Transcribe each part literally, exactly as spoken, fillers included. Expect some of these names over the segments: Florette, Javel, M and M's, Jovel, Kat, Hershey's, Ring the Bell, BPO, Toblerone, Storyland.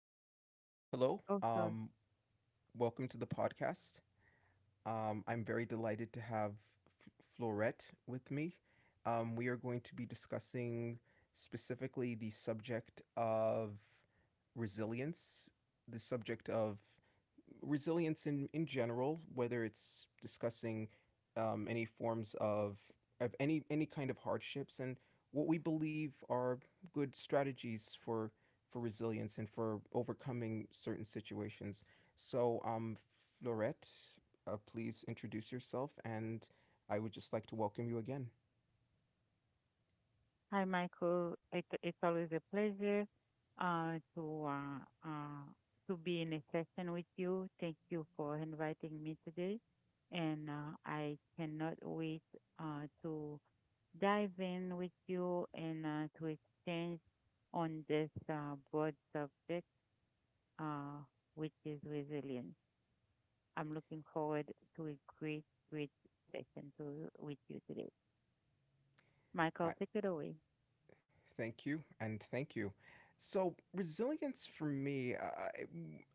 Oh, hello. Oh, sorry. Um, welcome to the podcast. Um, I'm very delighted to have F- Florette with me. Um, we are going to be discussing specifically the subject of resilience, the subject of resilience in, in general, whether it's discussing um, any forms of, of any, any kind of hardships and what we believe are good strategies for, for resilience and for overcoming certain situations. So, um, Florette, uh, please introduce yourself, and I would just like to welcome you again. Hi, Michael. It, it's always a pleasure uh, to uh, uh, to be in a session with you. Thank you for inviting me today, and uh, I cannot wait uh, to dive in with you and uh, to exchange on this uh, broad subject, uh, which is resilience. I'm looking forward to a great, great session to, with you today. I Michael, take it away. Thank you and thank you. So resilience for me, I,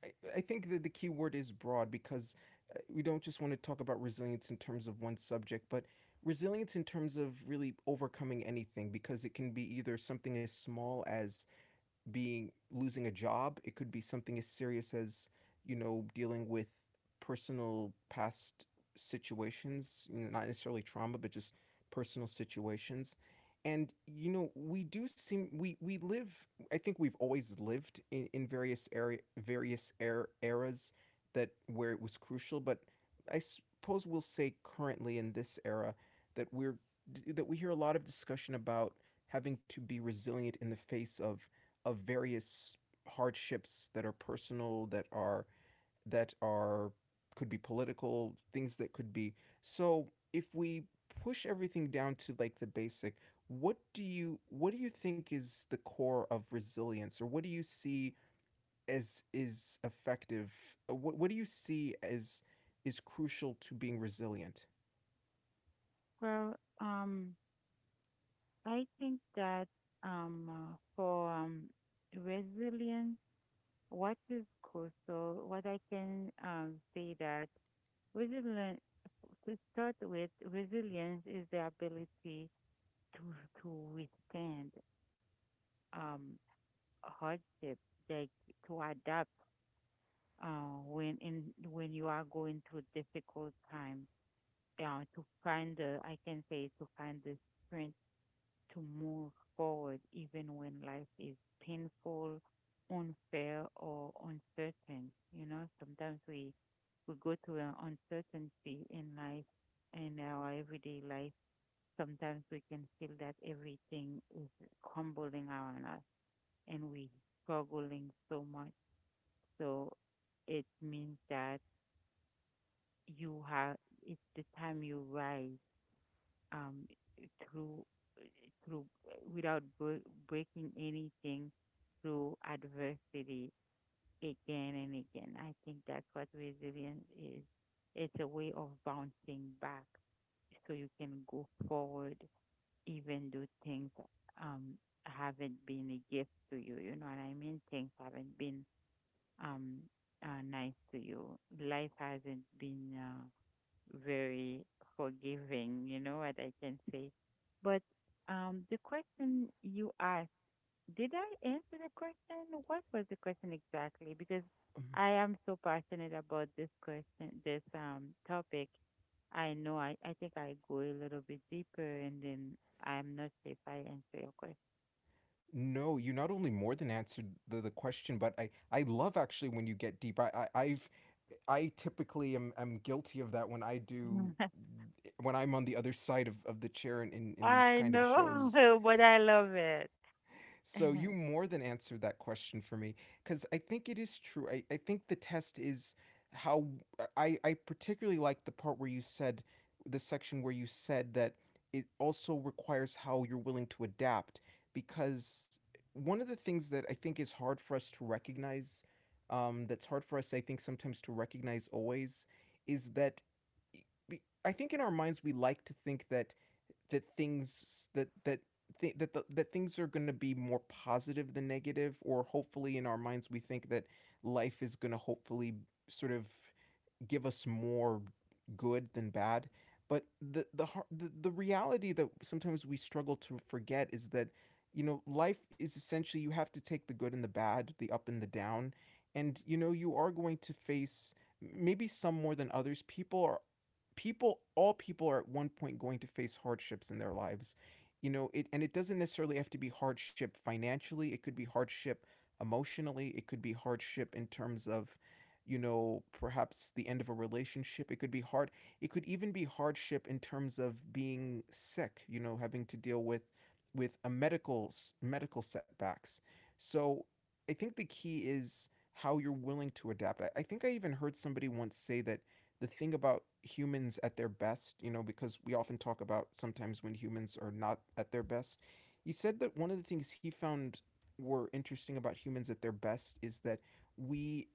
I I think that the key word is broad because uh, we don't just want to talk about resilience in terms of one subject, but resilience in terms of really overcoming anything, because it can be either something as small as being losing a job. It could be something as serious as, you know, dealing with personal past situations, you know, not necessarily trauma, but just personal situations. And you know, we do seem we we live. I think we've always lived in, in various area various er, eras that where it was crucial, but I suppose we'll say currently in this era that we're that we hear a lot of discussion about having to be resilient in the face of of various hardships that are personal, that are that are could be political, things that could be. So if we push everything down to like the basic, what do you what do you think is the core of resilience, or what do you see as is effective? Uh, What what do you see as is crucial to being resilient? Well, um, I think that um, uh, for um, resilience, what is crucial, what I can um, say that resilience, to start with, resilience is the ability to to withstand um, hardship, like to adapt uh, when in when you are going through difficult time. Yeah, to find the, I can say, to find the strength to move forward even when life is painful, unfair, or uncertain. You know, sometimes we we go through an uncertainty in life in our everyday life. Sometimes we can feel that everything is crumbling around us and we struggling so much. So it means that you have it's the time you rise um, through through without bre- breaking anything through adversity again and again. I think that's what resilience is. It's a way of bouncing back so you can go forward even though things um haven't been a gift to you. You know what I mean? Things haven't been um uh, nice to you. Life hasn't been uh, very forgiving, you know what I can say. But um, the question you asked, did I answer the question? What was the question exactly? Because Um, I am so passionate about this question, this um topic. I know I, I think I go a little bit deeper and then I'm not sure if I answer your No, you not only more than answered the, the question, but I, I love actually when you get deep. I, I I've I typically am, am guilty of that when I do question. when I'm on the other side of, of the chair in, in, in these I kind of shows. know, but I love it. So you more than answered that question for me because I think it is true. I, I think the test is how I, I particularly like the part where you said the section where you said that it also requires how you're willing to adapt, because one of the things that I think is hard for us to recognize, um, that's hard for us, I think, sometimes to recognize always, is that I think in our minds we like to think that that things that that th- that the, that things are going to be more positive than negative, or hopefully in our minds we think that life is going to hopefully sort of give us more good than bad. But the the the, the reality that sometimes we struggle to forget is that, you know, life is essentially you have to take the good and the bad, the up and the down, and you know you are going to face maybe some more than others. People are people, all people, are at one point going to face hardships in their lives, you know it, and it doesn't necessarily have to be hardship financially, it could be hardship emotionally, it could be hardship in terms of, you know, perhaps the end of a relationship. It could be hard. It could even be hardship in terms of being sick, you know, having to deal with with a medical medical setbacks. So I think the key is how you're willing to adapt. I, I think I even heard somebody once say that the thing about humans at their best, you know, because we often talk about sometimes when humans are not at their best, he said that one of the things he found were interesting about humans at their best is that we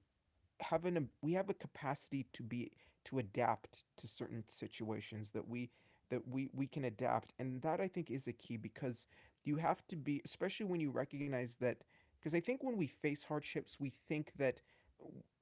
have an we have a capacity to be to adapt to certain situations that we that we we can adapt, and that I think is a key, because you have to be, especially when you recognize that, because I think when we face hardships we think that,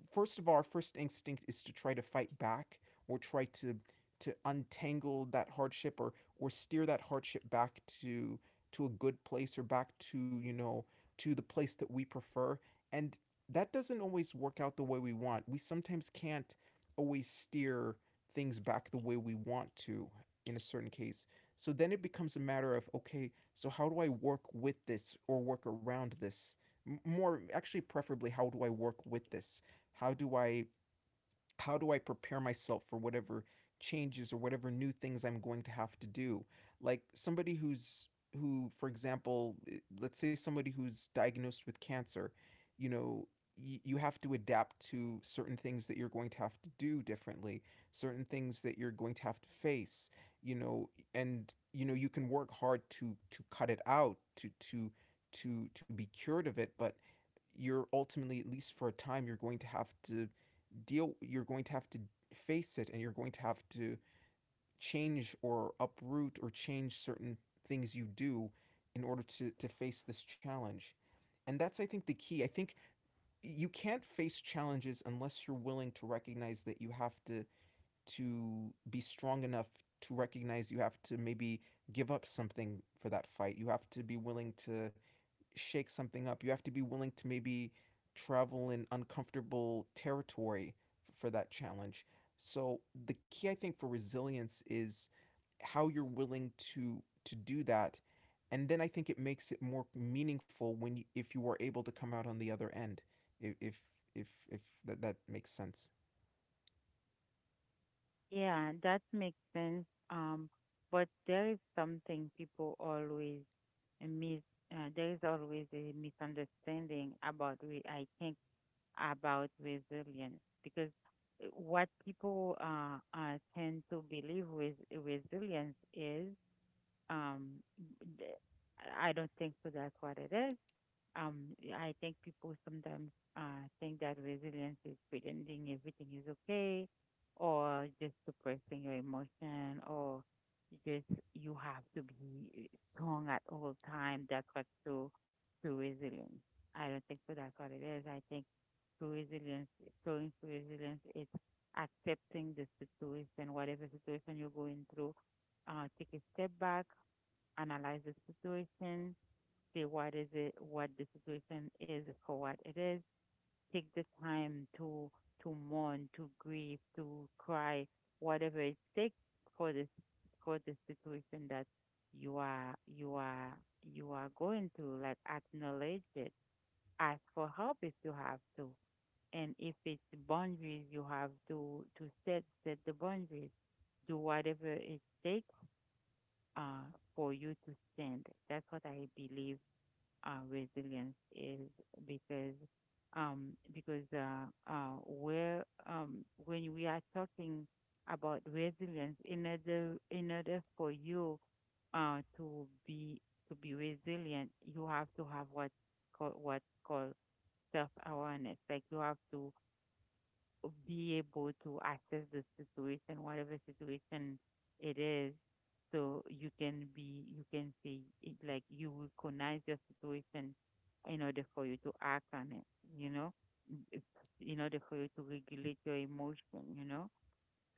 first of all, our first instinct is to try to fight back, or try to to untangle that hardship, or or steer that hardship back to to a good place, or back to, you know, to the place that we prefer, and that doesn't always work out the way we want. We sometimes can't always steer things back the way we want to in a certain case. So then it becomes a matter of, okay, so how do I work with this or work around this? More actually, preferably, how do I work with this? How do I how do I prepare myself for whatever changes or whatever new things I'm going to have to do? Like somebody who's who, for example, eh, let's say somebody who's diagnosed with cancer, you know, y- you have to adapt to certain things that you're going to have to do differently, certain things that you're going to have to face, you know, and you know you can work hard to to cut it out, to to to to be cured of it, but you're ultimately, at least for a time, you're going to have to deal you're going to have to face it, and you're going to have to change or uproot or change certain things you do in order to, to face this challenge. And that's, I think, the key. I think you can't face challenges unless you're willing to recognize that you have to to be strong enough to recognize you have to maybe give up something for that fight. You have to be willing to shake something up. You have to be willing to maybe travel in uncomfortable territory f- for that challenge. So the key I think for resilience is how you're willing to to do that, and then I think it makes it more meaningful when you, if you are able to come out on the other end if if if, if that, that makes sense. Yeah, that makes sense. Um, but there is something people always miss. Uh, there is always a misunderstanding about re I think about resilience because uh, what people uh, uh tend to believe with resilience is um th- I don't think so that's what it is. um, I think people sometimes uh, think that resilience is pretending everything is okay, or just suppressing your emotion, or just you have to be strong at all time. That's what true true resilience. I don't think so. That's what it is. I think true resilience, showing true resilience, is accepting the situation, whatever situation you're going through. Uh, take a step back, analyze the situation, see what is it, what the situation is for what it is. Take the time to to mourn, to grieve, to cry, whatever it takes for this for the situation that you are you are you are going through. Like acknowledge it, ask for help if you have to, and if it's boundaries, you have to to set set the boundaries. Do whatever it takes uh, for you to stand. That's what I believe uh, resilience is because um, because uh, uh, where um, when we are talking about resilience, in order in order for you uh, to be to be resilient, you have to have what call, what called self awareness. Like you have to be able to access the situation, whatever situation it is, so you can be you can say it like you recognize your situation in order for you to act on it, you know. Mm, it- in order for you to regulate your emotion, you know.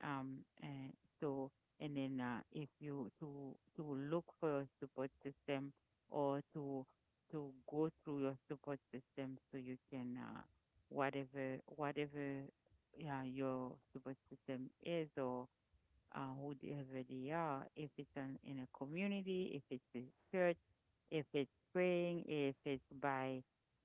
Um, and so, and then uh, if you to to look for a support system or to to go through your support system so you can uh, whatever whatever yeah your support system is, or uh, who they really are. If it's an, in a community, if it's a church, if it's praying, if it's by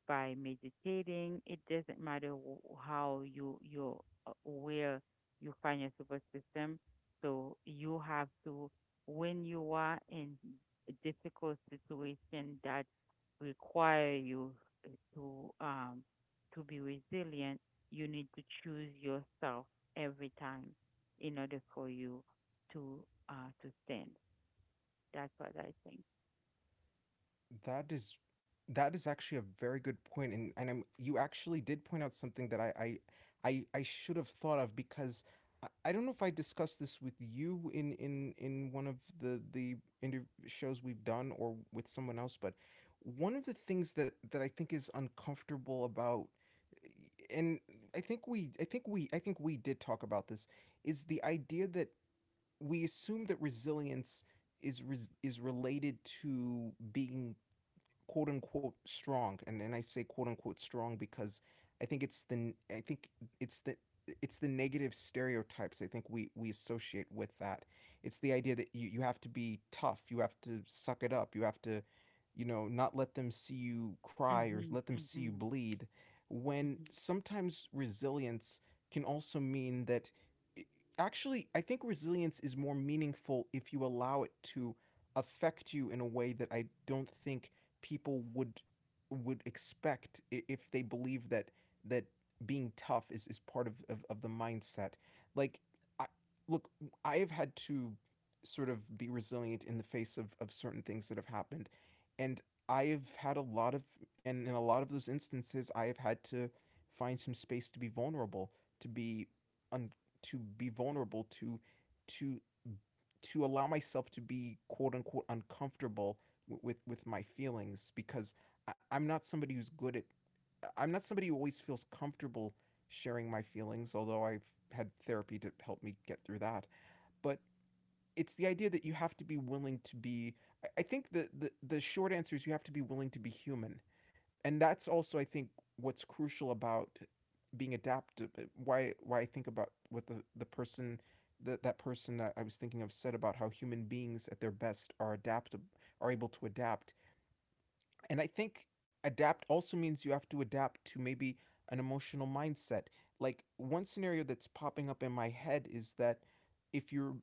by meditating, it doesn't matter wh- how you you uh, where you find your support system. So you have to when you are in a difficult situation that require you to um to be resilient, you need to choose yourself every time in order for you to uh, to stand. That's what I think. That is that is actually a very good point, and and I'm you actually did point out something that I I I, I should have thought of, because I, I don't know if I discussed this with you in in in one of the the inter- shows we've done or with someone else, but one of the things that that I think is uncomfortable about, and I think we I think we I think we did talk about this, is the idea that we assume that resilience is res- is related to being quote unquote strong, and and I say quote unquote strong because I think it's the I think it's the it's the negative stereotypes I think we we associate with that. It's the idea that you you have to be tough, you have to suck it up, you have to, you know, not let them see you cry or Mhm, let them see you mhm, bleed when mhm. sometimes resilience can also mean that actually I think resilience is more meaningful if you allow it to affect you in a way that I don't think people would would expect if they believe that that being tough is, is part of, of, of the mindset. Like I look, I have had to sort of be resilient in the face of, of certain things that have happened. And I have had a lot of, and in a lot of those instances I have had to find some space to be vulnerable, to be un, to be vulnerable to to to allow myself to be quote unquote uncomfortable w- with with my feelings, because I- I'm not somebody who's good at I'm not somebody who always feels comfortable sharing my feelings, although I've had therapy to help me get through that. But it's the idea that you have to be willing to be, I- I think the the, the short answer is you have to be willing to be human, and that's also I think what's crucial about being adaptive. Why why I think about what the the person that that person I, I was thinking of said about how human beings at their best are adaptable, are able to adapt, and I think adapt also means you have to adapt to maybe an emotional mindset. Like one scenario that's popping up in my head is that if you're,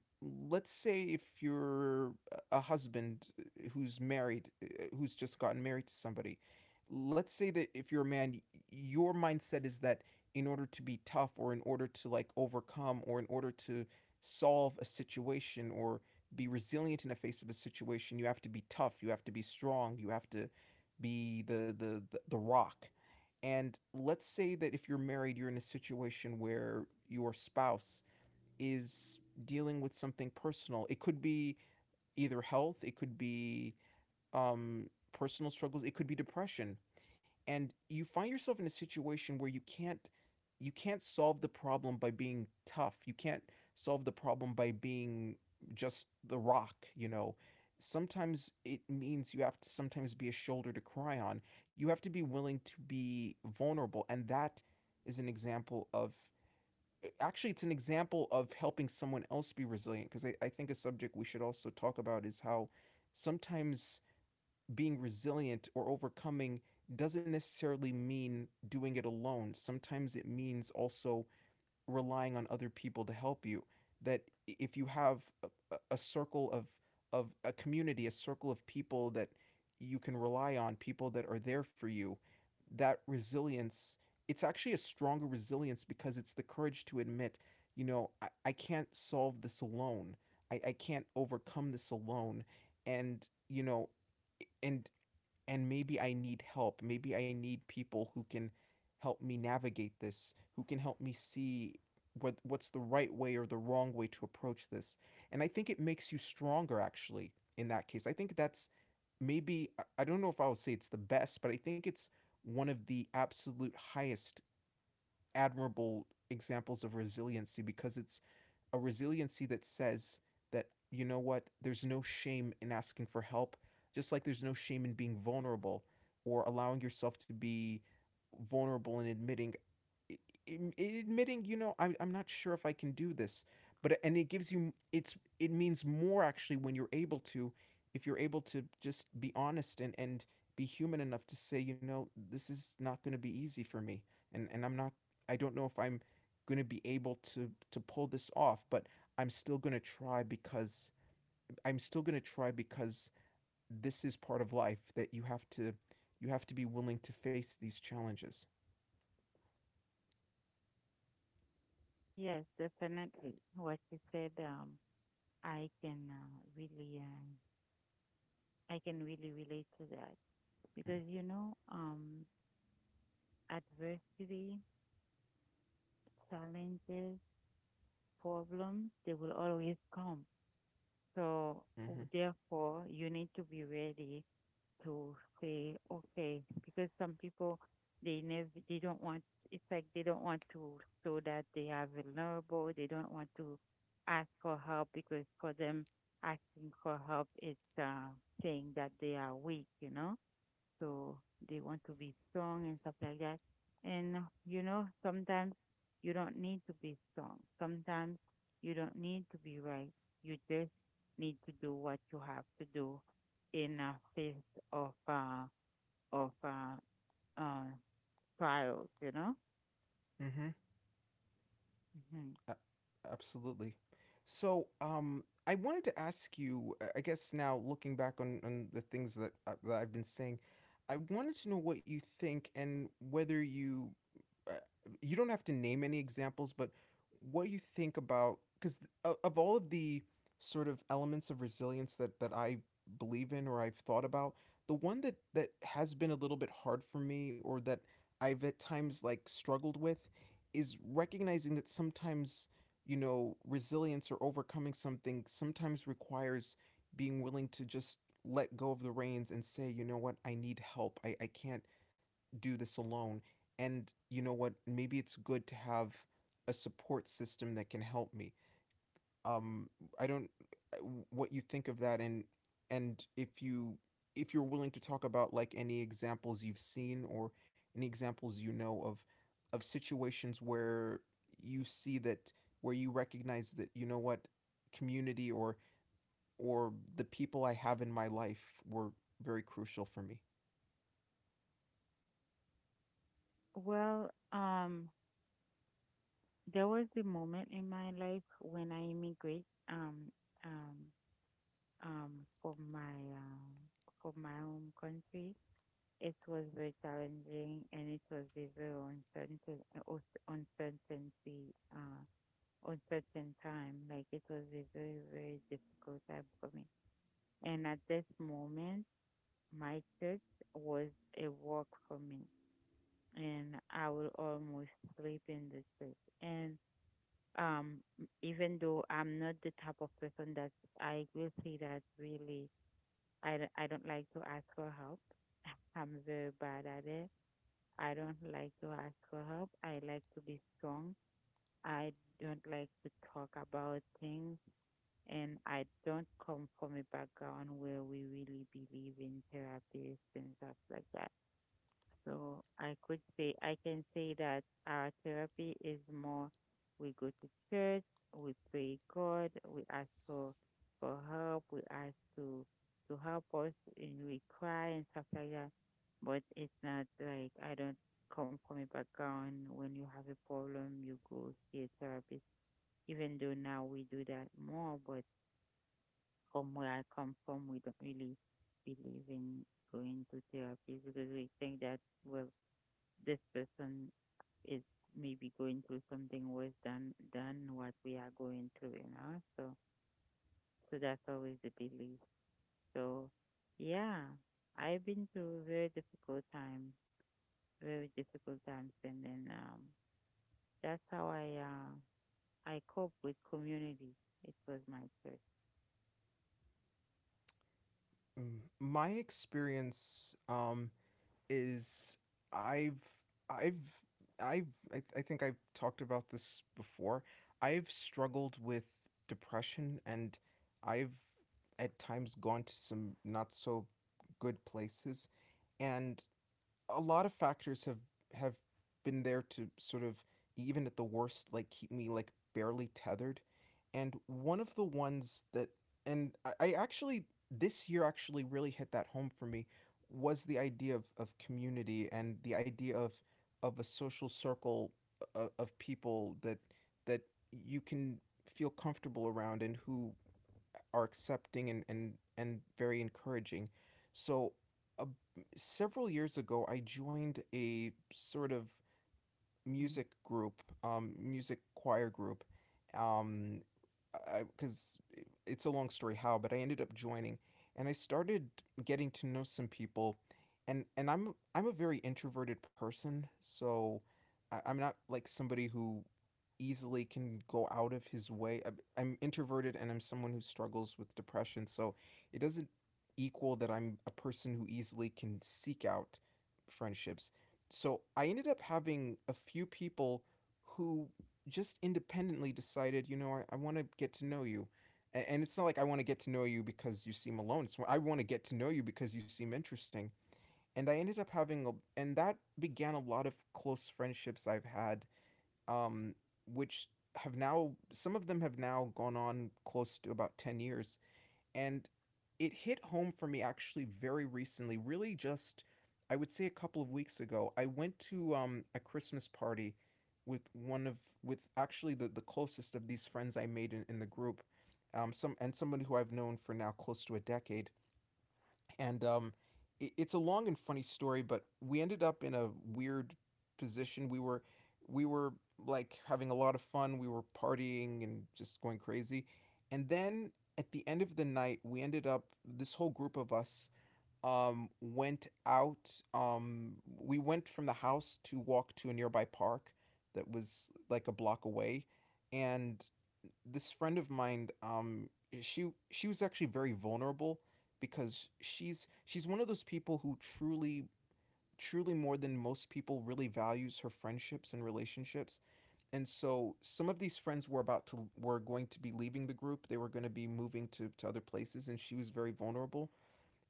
let's say if you're a a husband who's married uh, who's just gotten married to somebody, let's say that if you're a man, y- your mindset is that in order to be tough, or in order to like overcome, or in order to solve a situation, or be resilient in the face of a situation, you have to be tough, you have to be strong, you have to be the the the, the rock. And let's say that if you're married, you're in a situation where your spouse is dealing with something personal. It could be either health, it could be um, personal struggles, it could be depression, and you find yourself in a situation where you can't you can't solve the problem by being tough. You can't solve the problem by being just the rock, you know. Sometimes it means you have to sometimes be a shoulder to cry on. You have to be willing to be vulnerable, and that is an example of actually it's an example of helping someone else be resilient, because I, I think a subject we should also talk about is how sometimes being resilient or overcoming doesn't necessarily mean doing it alone. Sometimes it means also relying on other people to help you. That if you have a, a circle of of a community, a circle of people that you can rely on, people that are there for you, that resilience, it's actually a stronger resilience because it's the courage to admit, you know, I, I can't solve this alone. I, I can't overcome this alone. And, you know, and and maybe I need help. Maybe I need people who can help me navigate this, who can help me see what what's the right way or the wrong way to approach this. And I think it makes you stronger actually in that case. I think that's maybe I- don't know if I would say it's the best, but I think it's one of the absolute highest admirable examples of resiliency because it's a resiliency that says that you know what, there's no shame in asking for help, just like there's no shame in being vulnerable or allowing yourself to be vulnerable and admitting admitting, you know, I'm, I'm not sure if I can do this, but uh, and it gives you it's it means more actually when you're able to, if you're able to just be honest and and be human enough to say, you know, this is not going to be easy for me, and and I'm not, I don't know if I'm going to be able to to pull this off, but I'm still going to try because I'm still going to try because this is part of life that you have to you have to be willing to face these challenges. Yes, definitely. What you said, um, I can uh, really, uh, I can really relate to that Mm, because you know, um, adversity, challenges, problems, they will always come. So mhm. w- therefore, you need to be ready to say okay, because some people they never they don't want, it's like they don't want to show that they are vulnerable, they don't want to ask for help because for them asking for help is uh, saying that they are weak, you know. So they want to be strong and stuff like that. And you know, sometimes you don't need to be strong. Sometimes you don't need to be right. You just need to do what you have to do in a face of uh of uh, uh trials, you know? Mhm. Hmm. A- Absolutely. So, um, I wanted to ask you, uh, I guess now looking back on, on the things that, uh, that I've been saying, I wanted to know what you think, and whether you uh, you don't have to name any examples, but what do you think about, because of all of the sort of elements of resilience that that I believe in or I've thought about, the one that that has been a little bit hard for me, or that I've at times like struggled with, is recognizing that sometimes, you know, resilience or overcoming something sometimes requires being willing to just let go of the reins and say, you know what, I need help, i, I can't do this alone. And you know what? Maybe it's good to have a support system that can help me. Um, I don't uh, what you think of that, and and if you if you're willing to talk about like any examples you've seen, or any examples you know of of situations where you see that, where you recognize that, you know what, community or or the people I have in my life were very crucial for me. Well, um there was the moment in my life when I immigrate um um um from my uh, from my home country. It was very challenging, and it was a very uncertain, uh, uncertainty, uh, uncertain time. Like it was a very, very difficult time for me. And at this moment, my church was a work for me, and I will almost sleep in the church. And um, even though I'm not the type of person that I will say that really, I I d- I don't like to ask for help. I'm very bad at it. I don't like to ask for help. I like to be strong. I don't like to talk about things, and I don't come from a background where we really believe in therapy and stuff like that. So I could say, I can say that our therapy is more we go to church, we pray God, we ask for, for help, we ask to, to help us, and we cry and stuff like that. But it's not like, I don't come from a background when you have a problem, you go see a therapist. Even though now we do that more, but from where I come from, we don't really believe in going to therapy because we think that we're this person is maybe going through something worse than than what we are going through, you know. So so that's always the belief. So yeah, I've been through very difficult time, very difficult times, and then um that's how I uh I cope with community. It was my church. Mm, my experience um, is I've I've I've I, th- I think I've talked about this before. I've struggled with depression, and I've at times gone to some not so good places, and a lot of factors have have been there to sort of, even at the worst, like keep me like barely tethered, and one of the ones that and i, I actually this year actually really hit that home for me was the idea of, of community and the idea of of a social circle of, of people that that you can feel comfortable around and who are accepting, and and and very encouraging. So, uh, several years ago, I joined a sort of Hmm. music group, um, music choir group, um, because it's a long story how, but I ended up joining, and I started getting to know some people, and and I'm I'm a very introverted person, so I, I'm not like somebody who easily can go out of his way. I'm, I'm introverted, and I'm someone who struggles with depression, so it doesn't equal that I'm a person who easily can seek out friendships, so I ended up having a few people who just independently decided, you know, I, I want to get to know you. A- And it's not like I want to get to know you because you seem alone. It's I want to get to know you because you seem interesting. And I ended up having a, and that began a lot of close friendships I've had, um, which have now, some of them have now gone on close to about ten years. And it hit home for me actually very recently, really just, I would say a couple of weeks ago. I went to um, a Christmas party with one of, with actually the, the closest of these friends I made in, in the group. Um, some and somebody who I've known for now close to a decade, and um, it, it's a long and funny story. But we ended up in a weird position. We were we were like having a lot of fun. We were partying and just going crazy, and then at the end of the night, we ended up this whole group of us um, went out. Um, we went from the house to walk to a nearby park that was like a block away, and this friend of mine, um, she she was actually very vulnerable because she's she's one of those people who truly truly more than most people really values her friendships and relationships. And so some of these friends were about to were going to be leaving the group. They were going to be moving to, to other places, and she was very vulnerable.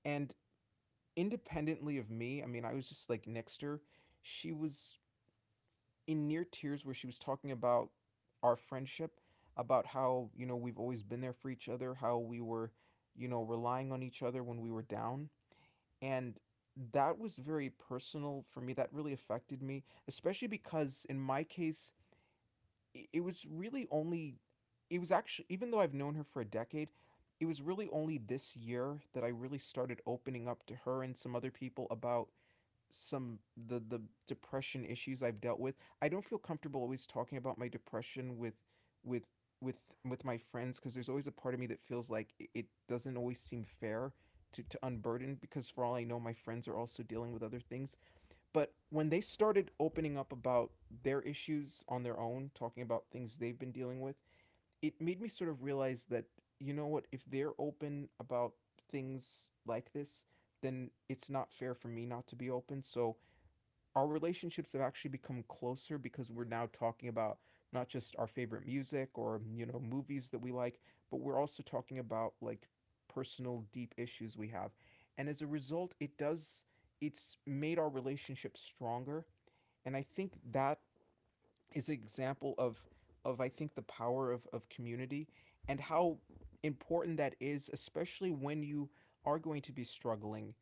And independently of me, I mean I was just like next to her, she was in near tears where she was talking about our friendship, about how, you know, we've always been there for each other, how we were, you know, relying on each other when we were down. And that was very personal for me. That really affected me, especially because in my case, it was really only, it was actually, even though I've known her for a decade, it was really only this year that I really started opening up to her and some other people about some the the depression issues I've dealt with. I don't feel comfortable always talking about my depression with with with with my friends, because there's always a part of me that feels like it- doesn't always seem fair to, to unburden, because for all I know my friends are also dealing with other things. But when they started opening up about their issues on their own, talking about things they've been dealing with, it made me sort of realize that, you know what, if they're open about things like this, then it's not fair for me not to be open. So our relationships have actually become closer, because we're now talking about not just our favorite music or, you know, movies that we like, but we're also talking about like personal deep issues we have, and as a result it does it's made our relationship stronger, and I think that is an example of of I think the power of of community, and how important that is, especially when you are going to be struggling,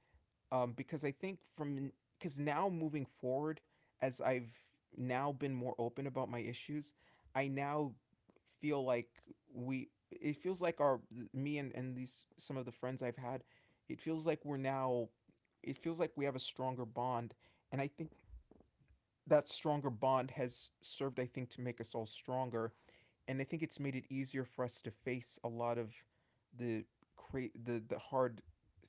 um, because I think from because now moving forward, as I've now been more open about my issues, I now feel like we it feels like our me and, and these some of the friends I've had, it feels like we're now it feels like we have a stronger bond. And I think that stronger bond has served, I think, to make us all stronger, and I think it's made it easier for us to face a lot of the cra- the the hard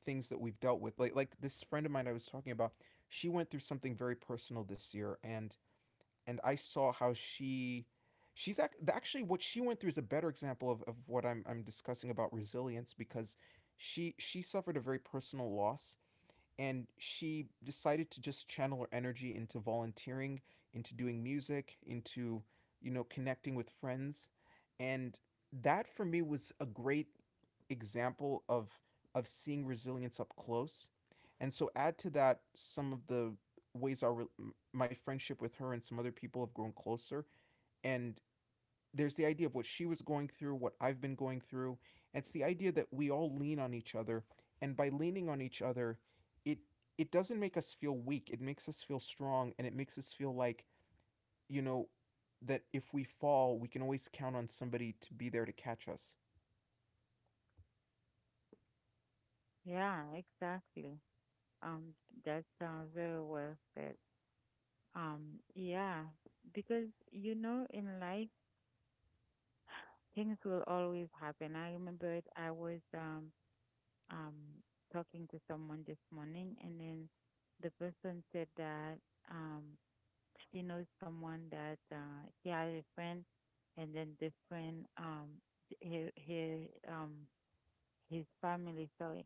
things that we've dealt with. Like like this friend of mine I was talking about, she went through something very personal this year, and and I saw how she she's ac- actually what she went through is a better example of, of what I'm I'm discussing about resilience, because she she suffered a very personal loss, and she decided to just channel her energy into volunteering, into doing music, into, you know, connecting with friends, and that for me was a great example of of seeing resilience up close. And so add to that some of the ways our re- my friendship with her and some other people have grown closer and there's the idea of what she was going through, what I've been going through. And it's the idea that we all lean on each other, and by leaning on each other, it it doesn't make us feel weak. It makes us feel strong, and it makes us feel like you know that if we fall, we can always count on somebody to be there to catch us. Yeah, exactly. Um, that sounds very well said. Um, yeah, because you know, in life things will always happen. I remember it, I was um um talking to someone this morning and then the person said that um she knows someone that uh she has a friend, and then this friend, um he he um his family, sorry,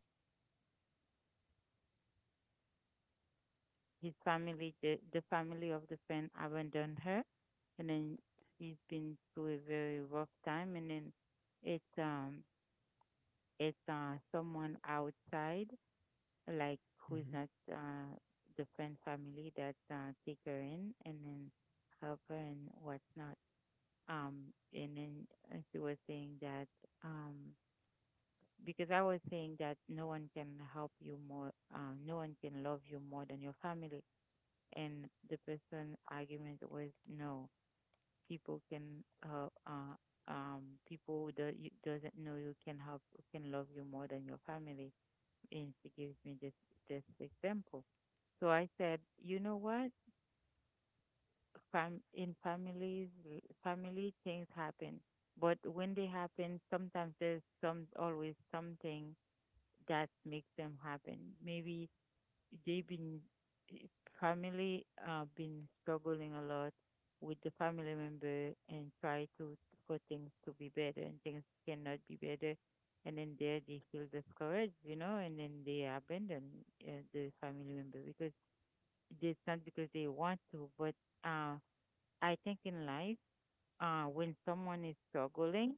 his family, the the family of the friend abandoned her, and then she's been through a very rough time, and then it's um it's uh someone outside, like who's hmm not uh, the friend family, that uh, take her in and then help her and whatnot. Um, and then uh, she was saying that um, because I was saying that no one can help you more, uh, no one can love you more than your family. And the person argument was no, people can uh, uh um people that you doesn't know you can help can love you more than your family. And she gives me this this example, so I said, you know what? Fam- in families, family things happen, but when they happen, sometimes there's some always something that makes them happen. Maybe they've been, eh, family uh, been struggling a lot with the family member and try to for things to be better and things cannot be better. And then there they feel discouraged, you know, and then they abandon uh, the family member because it's not because they want to, but uh, I think in life, uh, when someone is struggling,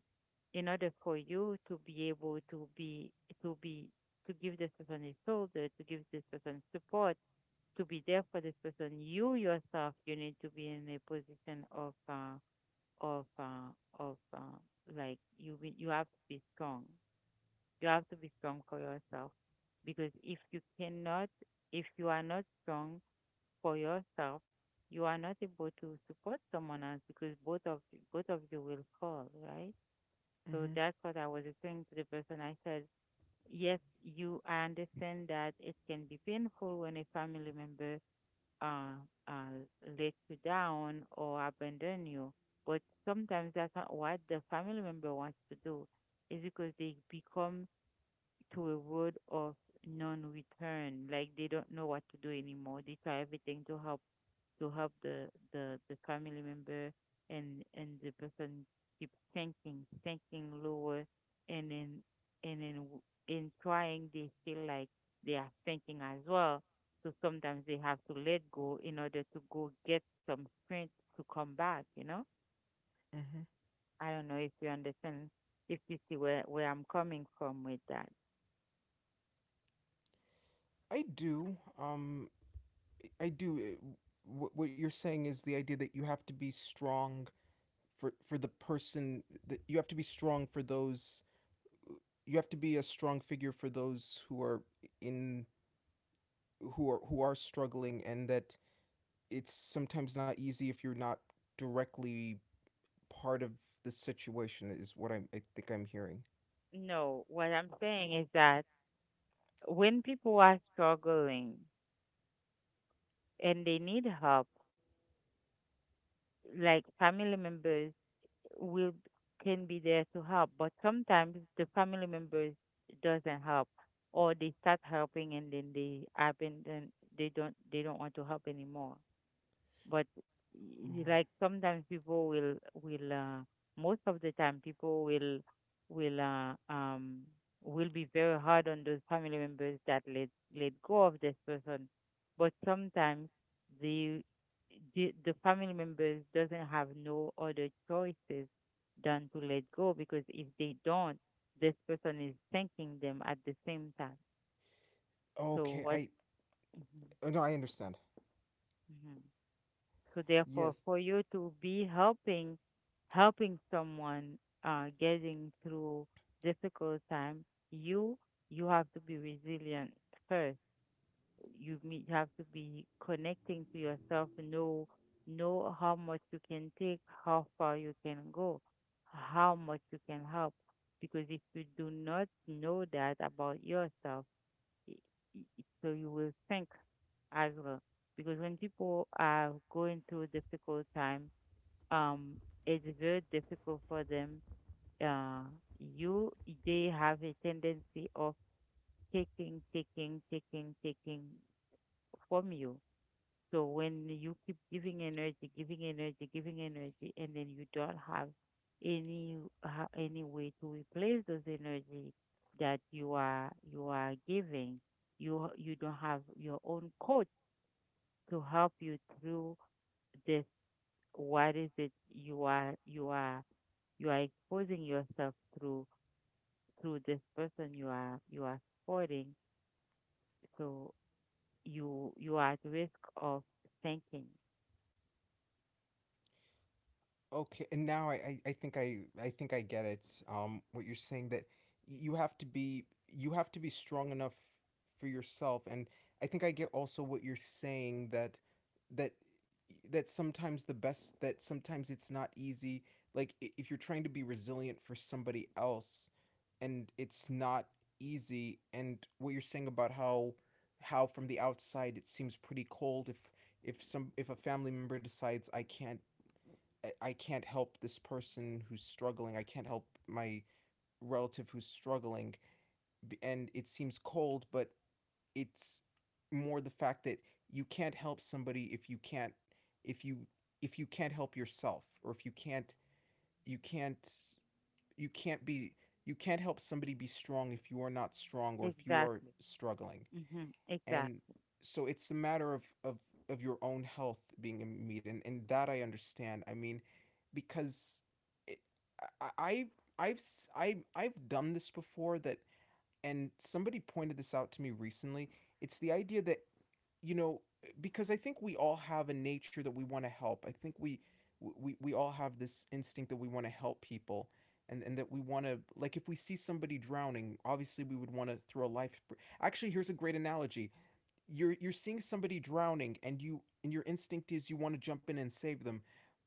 in order for you to be able to be to be to give this person a shoulder, to give this person support, to be there for this person, you yourself, you need to be in a position of uh, of uh, of uh, like you be- you have to be strong. You have to be strong for yourself because if you cannot, if you are not strong for yourself, you are not able to support someone else because both of both of you will fall, right? So hmm that's what I was saying to the person. I said, yes, you, I understand that it can be painful when a family member uh, uh, let you down or abandon you, but sometimes that's not what the family member wants to do. Is because they become to a road of non-return. Like they don't know what to do anymore. They try everything to help to help the the the family member and and the person keep thinking thinking lower and then and then w- in trying they feel like they are thinking as well. So sometimes they have to let go in order to go get some strength to come back you know hmm I don't know if you understand, if you see where where I'm coming from with that. I do. Um, I do. uh, What, what you're saying is the idea that you have to be strong for for the person that you have to be strong for those. You have to be a strong figure for those who are in who are who are struggling, and that it's sometimes not easy if you're not directly part of the situation. Is what I'm, I think I'm hearing. No, what I'm saying is that when people are struggling and they need help, like family members will can be there to help, but sometimes the family members doesn't help, or they start helping and then they abandon, they don't they don't want to help anymore. But y- Oh, like sometimes people will will uh, most of the time people will will uh, um will be very hard on those family members that let let go of this person. But sometimes the the, the family members doesn't have no other choices than to let go, because if they don't, this person is thanking them at the same time. So Okay, what I Mhm, uh, no, I understand. mhm. So therefore, Yes, for you to be helping, helping someone uh, getting through difficult time, you you have to be resilient first. You me- you have to be connecting to yourself. Know know how much you can take, how far you can go, how much you can help. Because if you do not know that about yourself, i- i- so you will think as well. Because when people are going through difficult time, um, it's very difficult for them. Uh, you they have a tendency of taking, taking, taking, taking from you. So when you keep giving energy, giving energy, giving energy, and then you don't have any ha- any way to replace those energy that you are you are giving. You you don't have your own coach to help you through this. What is it you are you are you are exposing yourself through through this person you are you are supporting? So you you are at risk of thinking. Okay, and now I, I, I think I I think I get it. Um, what you're saying that y- you have to be you have to be strong enough for yourself, and I think I get also what you're saying that that that sometimes the best that sometimes it's not easy. Like i- if you're trying to be resilient for somebody else, and it's not easy, and what you're saying about how how from the outside it seems pretty cold if if some if a family member decides I can't I- I can't help this person who's struggling. I can't help my relative who's struggling. And it seems cold, but it's more the fact that you can't help somebody if you can't if you if you can't help yourself or if you can't you can't you can't be you can't help somebody be strong if you are not strong or if you are Exactly. struggling. Mm-hmm. And Exactly. so it's a matter of of of your own health being in need and, and that I understand. I mean because it, I, I I've s- I have i have done this before that and somebody pointed this out to me recently. It's the idea that you know because I think we all have a nature that we want to help. I think we we we all have this instinct that we want to help people and and that we want to like if we see somebody drowning, obviously we would want to throw a life. Actually, here's a great analogy. You're you're seeing somebody drowning and you and your instinct is you want to jump in and save them,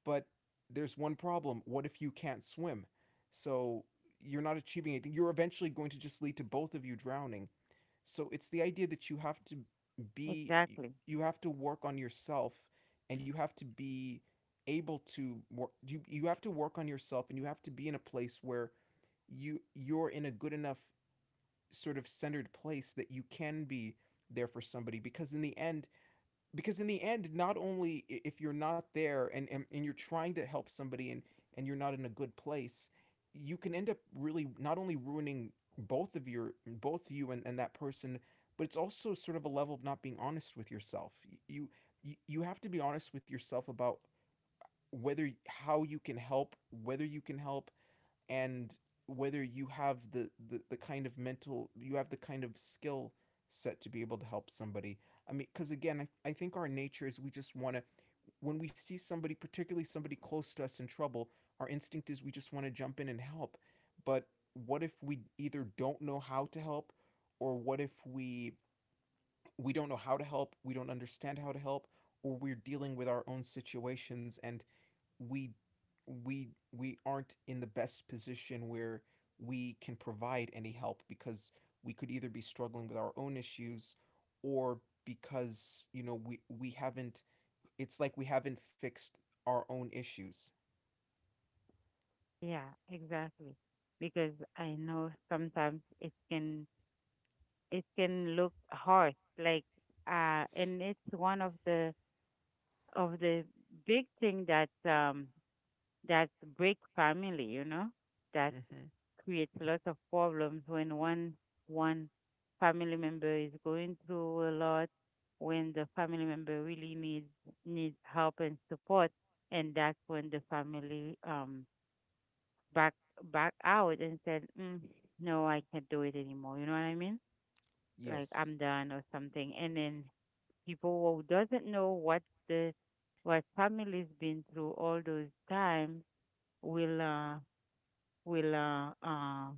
but there's one problem: what if you can't swim? So you're not achieving anything. You're eventually going to just lead to both of you drowning. So it's the idea that you have to be Exactly. you have to work on yourself and you have to be able to work you, you have to work on yourself and you have to be in a place where you you're in a good enough sort of centered place that you can be there for somebody because in the end because in the end not only if you're not there and, and and you're trying to help somebody and and you're not in a good place, you can end up really not only ruining both of your both you and, and that person, but it's also sort of a level of not being honest with yourself. you you, you have to be honest with yourself about whether how you can help, whether you can help, and whether you have the, the the kind of mental you have the kind of skill set to be able to help somebody. I mean, because again, I, I think our nature is we just want to when we see somebody, particularly somebody close to us in trouble, our instinct is we just want to jump in and help. But what if we either don't know how to help, or what if we we don't know how to help, we don't understand how to help, or we're dealing with our own situations and we we we aren't in the best position where we can provide any help, because we could either be struggling with our own issues or because you know we we haven't it's like we haven't fixed our own issues. Yeah, exactly. Because I know sometimes it can, it can look hard, like. Uh and it's one of the, of the big thing that, um that break family, you know, that Mm-hmm. creates lots of problems when one one family member is going through a lot, when the family member really needs needs help and support. And that's when the family, um back back out and said, mm, "No, I can't do it anymore." You know what I mean? Like I'm Yes. done or something. And then people who doesn't know what the what family's been through all those times will uh will uh uh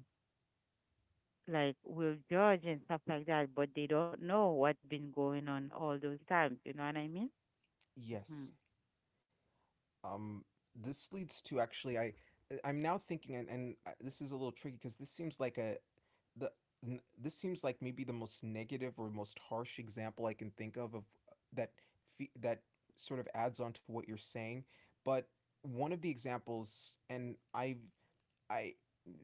like will judge and stuff like that, but they don't know what's been going on all those times. You know what I mean? Hmm. Yes. Um, this leads to actually I I'm now thinking, and, and uh, this is a little tricky because this seems like a the n- this seems like maybe the most negative or most harsh example I can think of of uh, that fe- that sort of adds on to what you're saying, but one of the examples, and I've I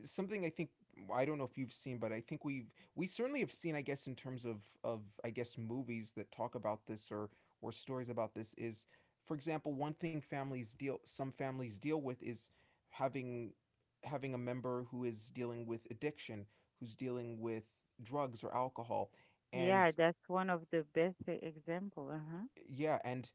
something I think I don't know if you've seen, but I think we've we certainly have seen, I guess, in terms of of I guess movies that talk about this or or stories about this is, for example, one thing families deal some families deal with is having having a member who is dealing with addiction, who's dealing with drugs or alcohol, Yeah, and that's one of the best e- example. Uh huh. yeah, and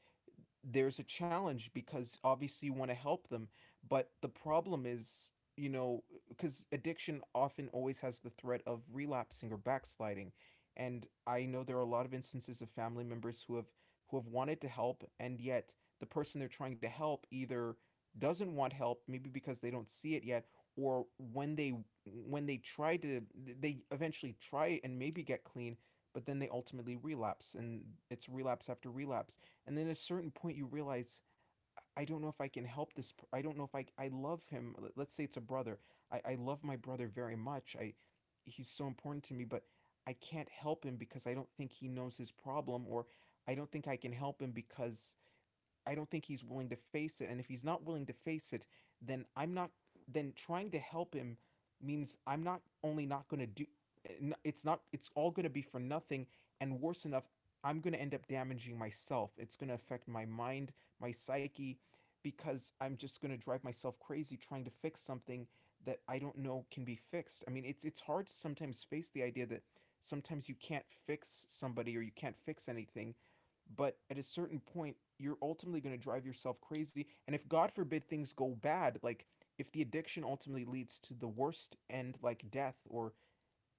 there's a challenge because obviously you want to help them, but the problem is, you know, because addiction often always has the threat of relapsing or backsliding. And I know there are a lot of instances of family members who have who have wanted to help and yet the person they're trying to help either doesn't want help, maybe because they don't see it yet, or when they when they try to they eventually try and maybe get clean, but then they ultimately relapse, and it's relapse after relapse. And then at a certain point, you realize, I don't know if I can help this. I don't know if I, I love him. Let's say it's a brother. I, I love my brother very much. I, he's so important to me, but I can't help him because I don't think he knows his problem, or I don't think I can help him because I don't think he's willing to face it. And if he's not willing to face it, then I'm not. Then trying to help him means I'm not only not going to do. It's not. It's all going to be for nothing. And worse enough, I'm going to end up damaging myself. It's going to affect my mind, my psyche, because I'm just going to drive myself crazy trying to fix something that I don't know can be fixed. I mean, it's it's hard to sometimes face the idea that sometimes you can't fix somebody or you can't fix anything, but at a certain point you're ultimately going to drive yourself crazy, and if God forbid things go bad, like if the addiction ultimately leads to the worst end like death or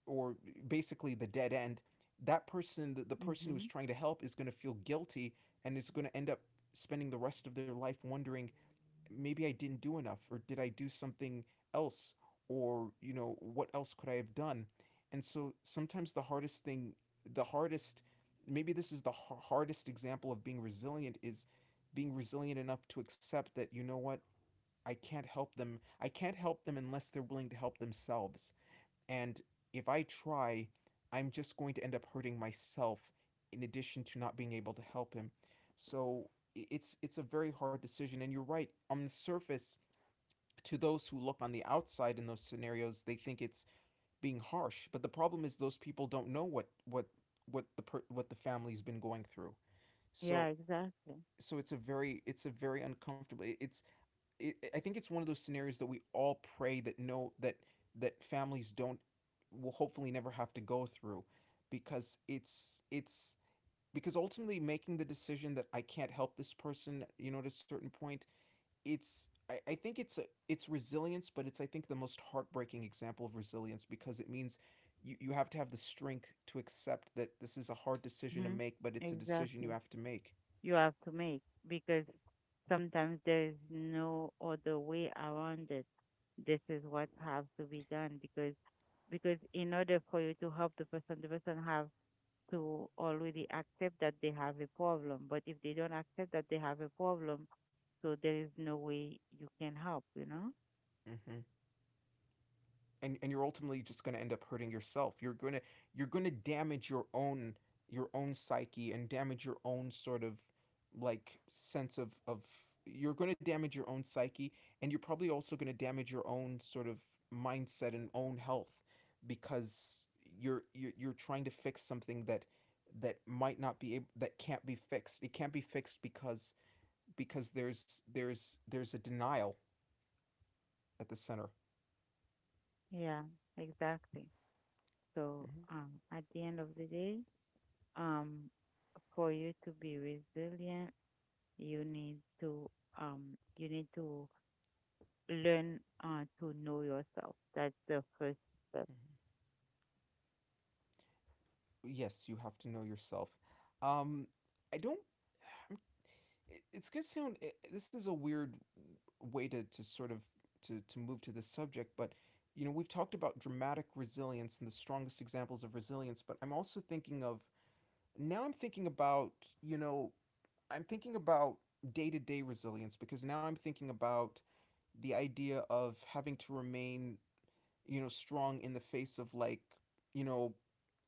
or basically the dead end, that person the, the person who's Mhm. trying to help is going to feel guilty and is going to end up spending the rest of their life wondering, maybe I didn't do enough, or did I do something else, or you know what else could I have done? And so sometimes the hardest thing the hardest maybe this is the hardest example of being resilient is being resilient enough to accept that, you know what, I can't help them. I can't help them unless they're willing to help themselves. And if I try, I'm just going to end up hurting myself in addition to not being able to help him. So it's it's a very hard decision, and you're right. On the surface, to those who look on the outside in those scenarios, they think it's being harsh, but the problem is those people don't know what what what the per- what the family's been going through. Yeah, So exactly. so it's a very it's a very uncomfortable it's it, I think it's one of those scenarios that we all pray that no that that families don't will hopefully never have to go through because it's it's because ultimately making the decision that I can't help this person, you know, at a certain point, it's I, I think it's a it's resilience, but it's I think the most heartbreaking example of resilience, because it means you, you have to have the strength to accept that this is a hard decision to Mhm. make, but it's a decision you Exactly. have to make. You have to make, because sometimes there is no other way around it. This is what has to be done because because in order for you to help the person, the person have to already accept that they have a problem. But if they don't accept that they have a problem, so there is no way you can help, you know? Mm-hmm. and and you're ultimately just going to end up hurting yourself. You're going to you're going to damage your own your own psyche and damage your own sort of like sense of of you're going to damage your own psyche, and you're probably also going to damage your own sort of mindset and own health because you're you're, you're trying to fix something that that might not be able, that can't be fixed. It can't be fixed because because there's there's there's a denial at the center. Yeah, exactly. So, Mm-hmm. um, at the end of the day, um, for you to be resilient, you need to um you need to learn, uh, to know yourself. That's the first step. Mm-hmm. Yes, you have to know yourself. Um, I don't. I'm, it- it's gonna sound. I This is a weird way to to sort of to to move to this subject, but you know we've talked about dramatic resilience and the strongest examples of resilience, but I'm also thinking of now. I'm thinking about, you know I'm thinking about day to day resilience because now I'm thinking about the idea of having to remain, you know, strong in the face of, like, you know,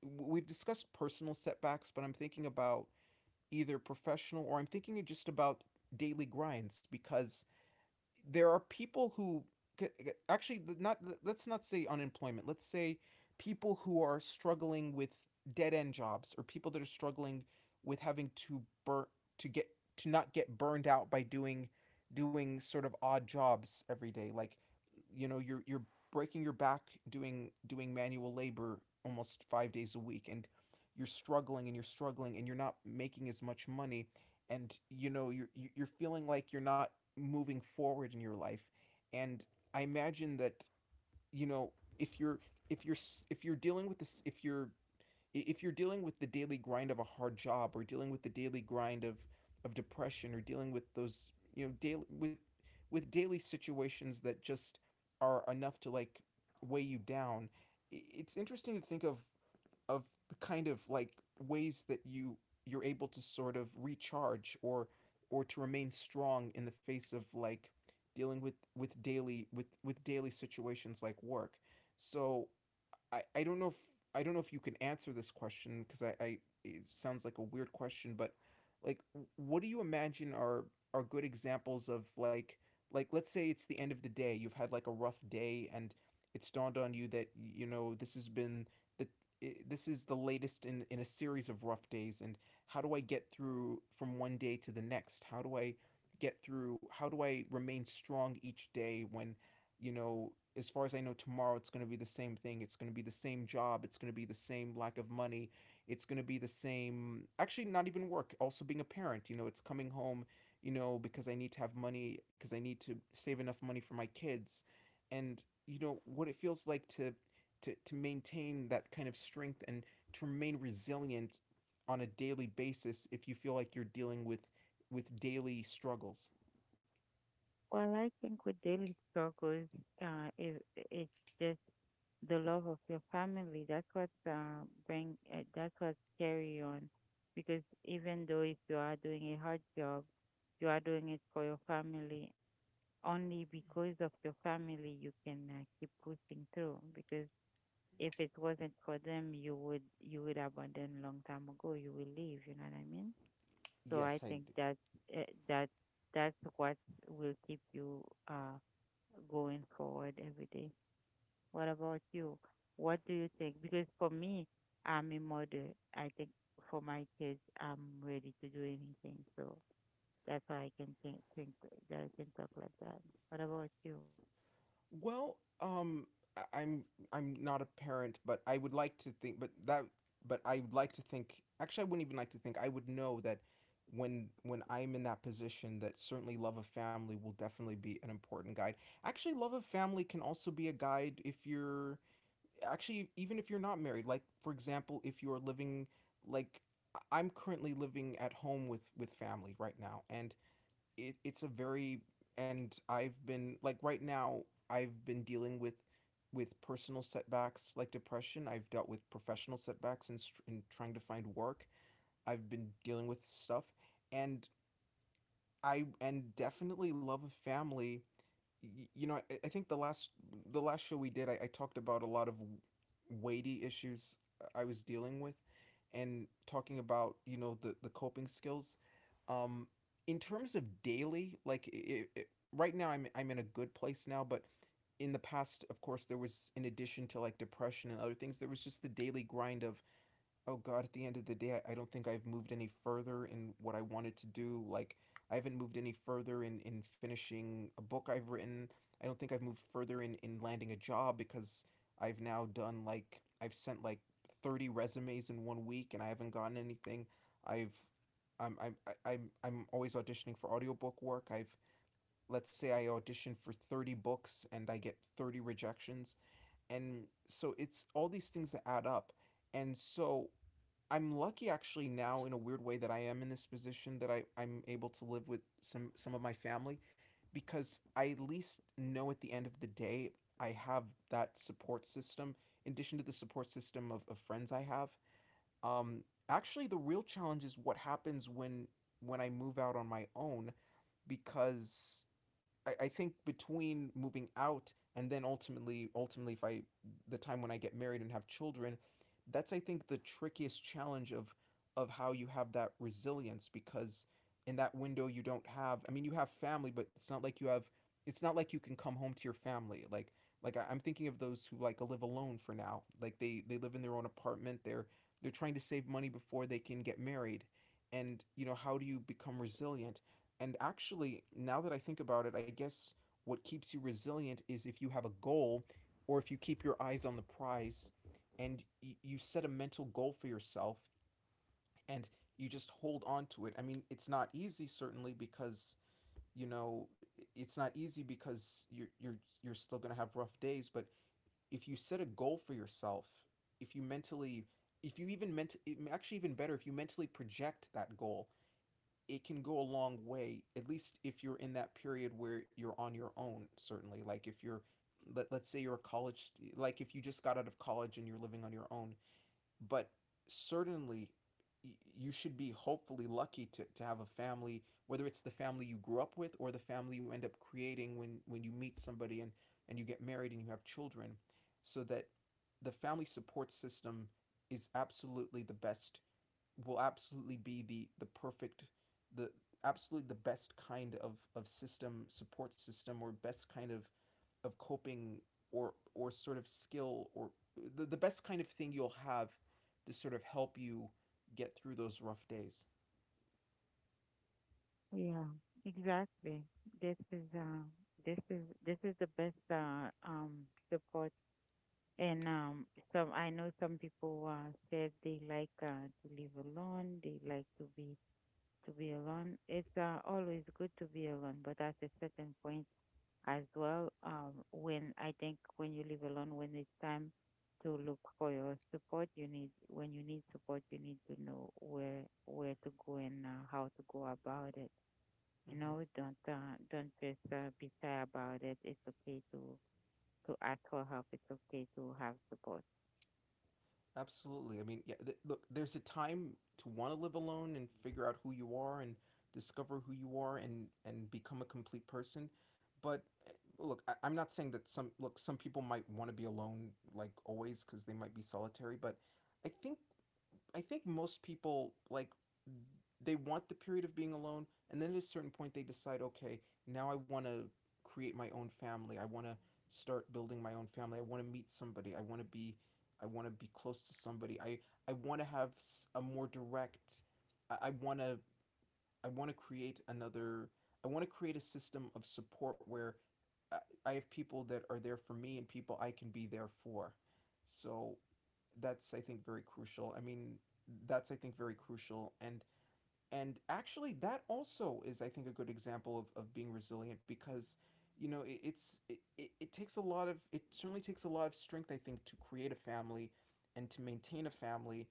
we've discussed personal setbacks, but I'm thinking about either professional or I'm thinking just about daily grinds because there are people who actually, not, let's not say unemployment, let's say people who are struggling with dead end jobs or people that are struggling with having to bur- to get to not get burned out by doing doing sort of odd jobs every day, like, you know you're you're breaking your back, doing doing manual labor almost five days a week, and you're struggling and you're struggling and you're not making as much money, and you know you're you- are you are feeling like you're not moving forward in your life. And I imagine that, you know if you're, if you're if you're dealing with this, if you're if you're dealing with the daily grind of a hard job or dealing with the daily grind of of depression or dealing with those, you know daily, with with daily situations that just are enough to, like, weigh you down. It's interesting to think of of the kind of, like, ways that you you're able to sort of recharge or or to remain strong in the face of, like, dealing with with daily with with daily situations like work. So I, I don't know if I don't know if you can answer this question, because I, I it sounds like a weird question, but, like, what do you imagine are are good examples of, like like let's say it's the end of the day, you've had, like, a rough day and it's dawned on you that, you know this has been the this is the latest in in a series of rough days, and how do I get through from one day to the next? How do I get through how do I remain strong each day when, you know, as far as I know, tomorrow it's going to be the same thing. It's going to be the same job. It's going to be the same lack of money. It's going to be the same, actually, not even work. Also, being a parent, you know, it's coming home, you know, because I need to have money, because I need to save enough money for my kids. And, you know, what it feels like to, to, to, maintain that kind of strength and to remain resilient on a daily basis if you feel like you're dealing with with daily struggles. Well, I think with daily struggles, uh it, it's just the love of your family. That's what, uh, bring uh, that's what carry you on. Because even though if you are doing a hard job, you are doing it for your family. Only because of your family you can, uh, keep pushing through. Because if it wasn't for them, you would you would abandon long time ago. You will leave. You know what I mean? So I Yes, I think do. that, eh, that that's what will keep you, uh going forward every day. What about you? What do you think? Because for me, I'm a mother. I think for my kids, I'm ready to do anything. So that's why I can think, think that I can talk like that. What about you? Well, um, I- I'm I'm not a parent, but I would like to think, but that, but I would like to think. Actually, I wouldn't even like to think. I would know that when when I'm in that position, that certainly love of family will definitely be an important guide. Actually, love of family can also be a guide if you're actually, even if you're not married. Like for example, if you are living, like, I- I'm currently living at home with with family right now, and it, it's a very, and I've been, like, right now I've been dealing with with personal setbacks like depression. I've dealt with professional setbacks and in, in trying to find work. I've been dealing with stuff, and I and definitely love of family. you know, I, I think the last the last show we did, I, I talked about a lot of weighty issues I was dealing with, and talking about, you know the the coping skills. Um, in terms of daily, like, I I right now, I'm I'm in a good place now, but in the past, of course, there was, in addition to, like, depression and other things, there was just the daily grind of, oh god, at the end of the day, I, I don't think I've moved any further in what I wanted to do. Like, I haven't moved any further in, in finishing a book I've written. I don't think I've moved further in, in landing a job, because I've now done, like, I've sent, like, thirty resumes in one week and I haven't gotten anything. I've I'm, I'm, I'm, I'm always auditioning for audiobook work. I've, let's say I audition for thirty books and I get thirty rejections. And so it's all these things that add up. And so I'm lucky, actually, now, in a weird way, that I am in this position, that I, I'm able to live with some some of my family, because I at least know at the end of the day I have that support system in addition to the support system of, of friends I have. Um, Actually, the real challenge is what happens when when I move out on my own, because I, I think between moving out and then ultimately ultimately if I the time when I get married and have children, that's, I think, the trickiest challenge of of how you have that resilience, because in that window you don't have, I mean, you have family, but it's not like you have it's not like you can come home to your family, like like I, I'm thinking of those who, like, live alone for now, like they they live in their own apartment, they're they're trying to save money before they can get married. And you know how do you become resilient? And actually, now that I think about it, I guess what keeps you resilient is if you have a goal or if you keep your eyes on the prize, and y- you set a mental goal for yourself and you just hold on to it. I mean, it's not easy, certainly, because you know it's not easy because you're you're you're still gonna have rough days. But if you set a goal for yourself, if you mentally, if you even ment, e-, actually, even better, if you mentally project that goal, it can go a long way, at least if you're in that period where you're on your own, certainly, like, if you're, let, let's say you're a college, like, if you just got out of college and you're living on your own. But certainly you should be hopefully lucky to, to have a family, whether it's the family you grew up with or the family you end up creating when when you meet somebody and and you get married and you have children, so that the family support system is absolutely the best, will absolutely be the the perfect, the, absolutely the best kind of of system, support system, or best kind of of coping or or sort of skill, or the, the best kind of thing you'll have to sort of help you get through those rough days. Yeah, exactly. This is, uh, this is this is the best, uh, um support. And, um, some I know some people, uh, said they like, uh, to live alone. They like to be, to be alone. It's, uh, always good to be alone, but at a certain point as well, um, when I think when you live alone, when it's time to look for your support, you need when you need support, you need to know where where to go and, uh, how to go about it. you Mm-hmm. know, don't, uh, don't just, uh, be sad about it. It's okay to to ask for help. It's okay to have support. Absolutely. I mean, yeah. Th- look, there's a time to want to live alone and figure out who you are, and discover who you are and and become a complete person. But eh, look, I- I'm not saying that, some look, some people might want to be alone, like, always, because they might be solitary. But I think, I think most people, like, they want the period of being alone, and then at a certain point they decide, okay, now I want to create my own family. I want to start building my own family. I want to meet somebody. I want to be I want to be close to somebody. I I want to have, a more direct I, I want to, I want to create another I want to create a system of support where I, I have people that are there for me and people I can be there for. So that's, I think, very crucial. I mean, that's, I think, very crucial, and and actually that also is, I think, a good example of, of being resilient, because you know it, it's it, it, it takes a lot of, it certainly takes a lot of strength, I think, to create a family and to maintain a family,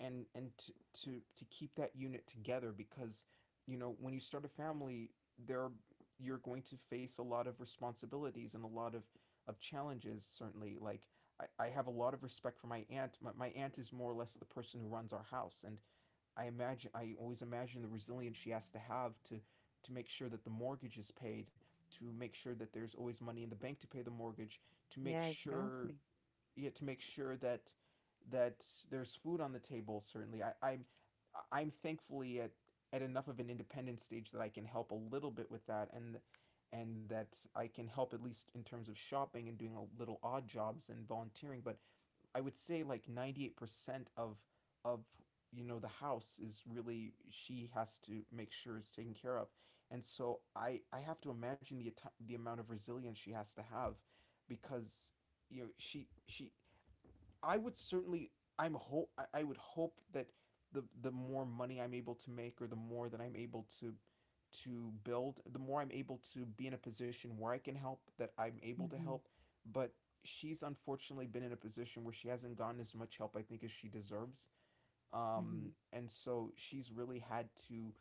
and and to, to to keep that unit together, because you know when you start a family, there are- you're going to face a lot of responsibilities and a lot of of challenges, certainly, like, I, I have a lot of respect for my aunt. My, my aunt is more or less the person who runs our house, and I imagine I always imagine the resilience she has to have, to to make sure that the mortgage is paid, to make sure that there's always money in the bank to pay the mortgage, to make Yeah, sure, exactly. yeah, to make sure that that there's food on the table. Certainly, I, I'm I'm thankfully at at enough of an independent stage that I can help a little bit with that, and and that I can help at least in terms of shopping and doing a little odd jobs and volunteering. But I would say like ninety eight percent of of you know the house is really she has to make sure is taken care of. And so i i have to imagine the the amount of resilience she has to have because you know she she I would certainly I'm hope I would hope that the the more money I'm able to make, or the more that I'm able to to build, the more I'm able to be in a position where I can help, that I'm able to Mm-hmm. help. But she's unfortunately been in a position where she hasn't gotten as much help I think as she deserves. Mm-hmm. Um, and so she's really had to,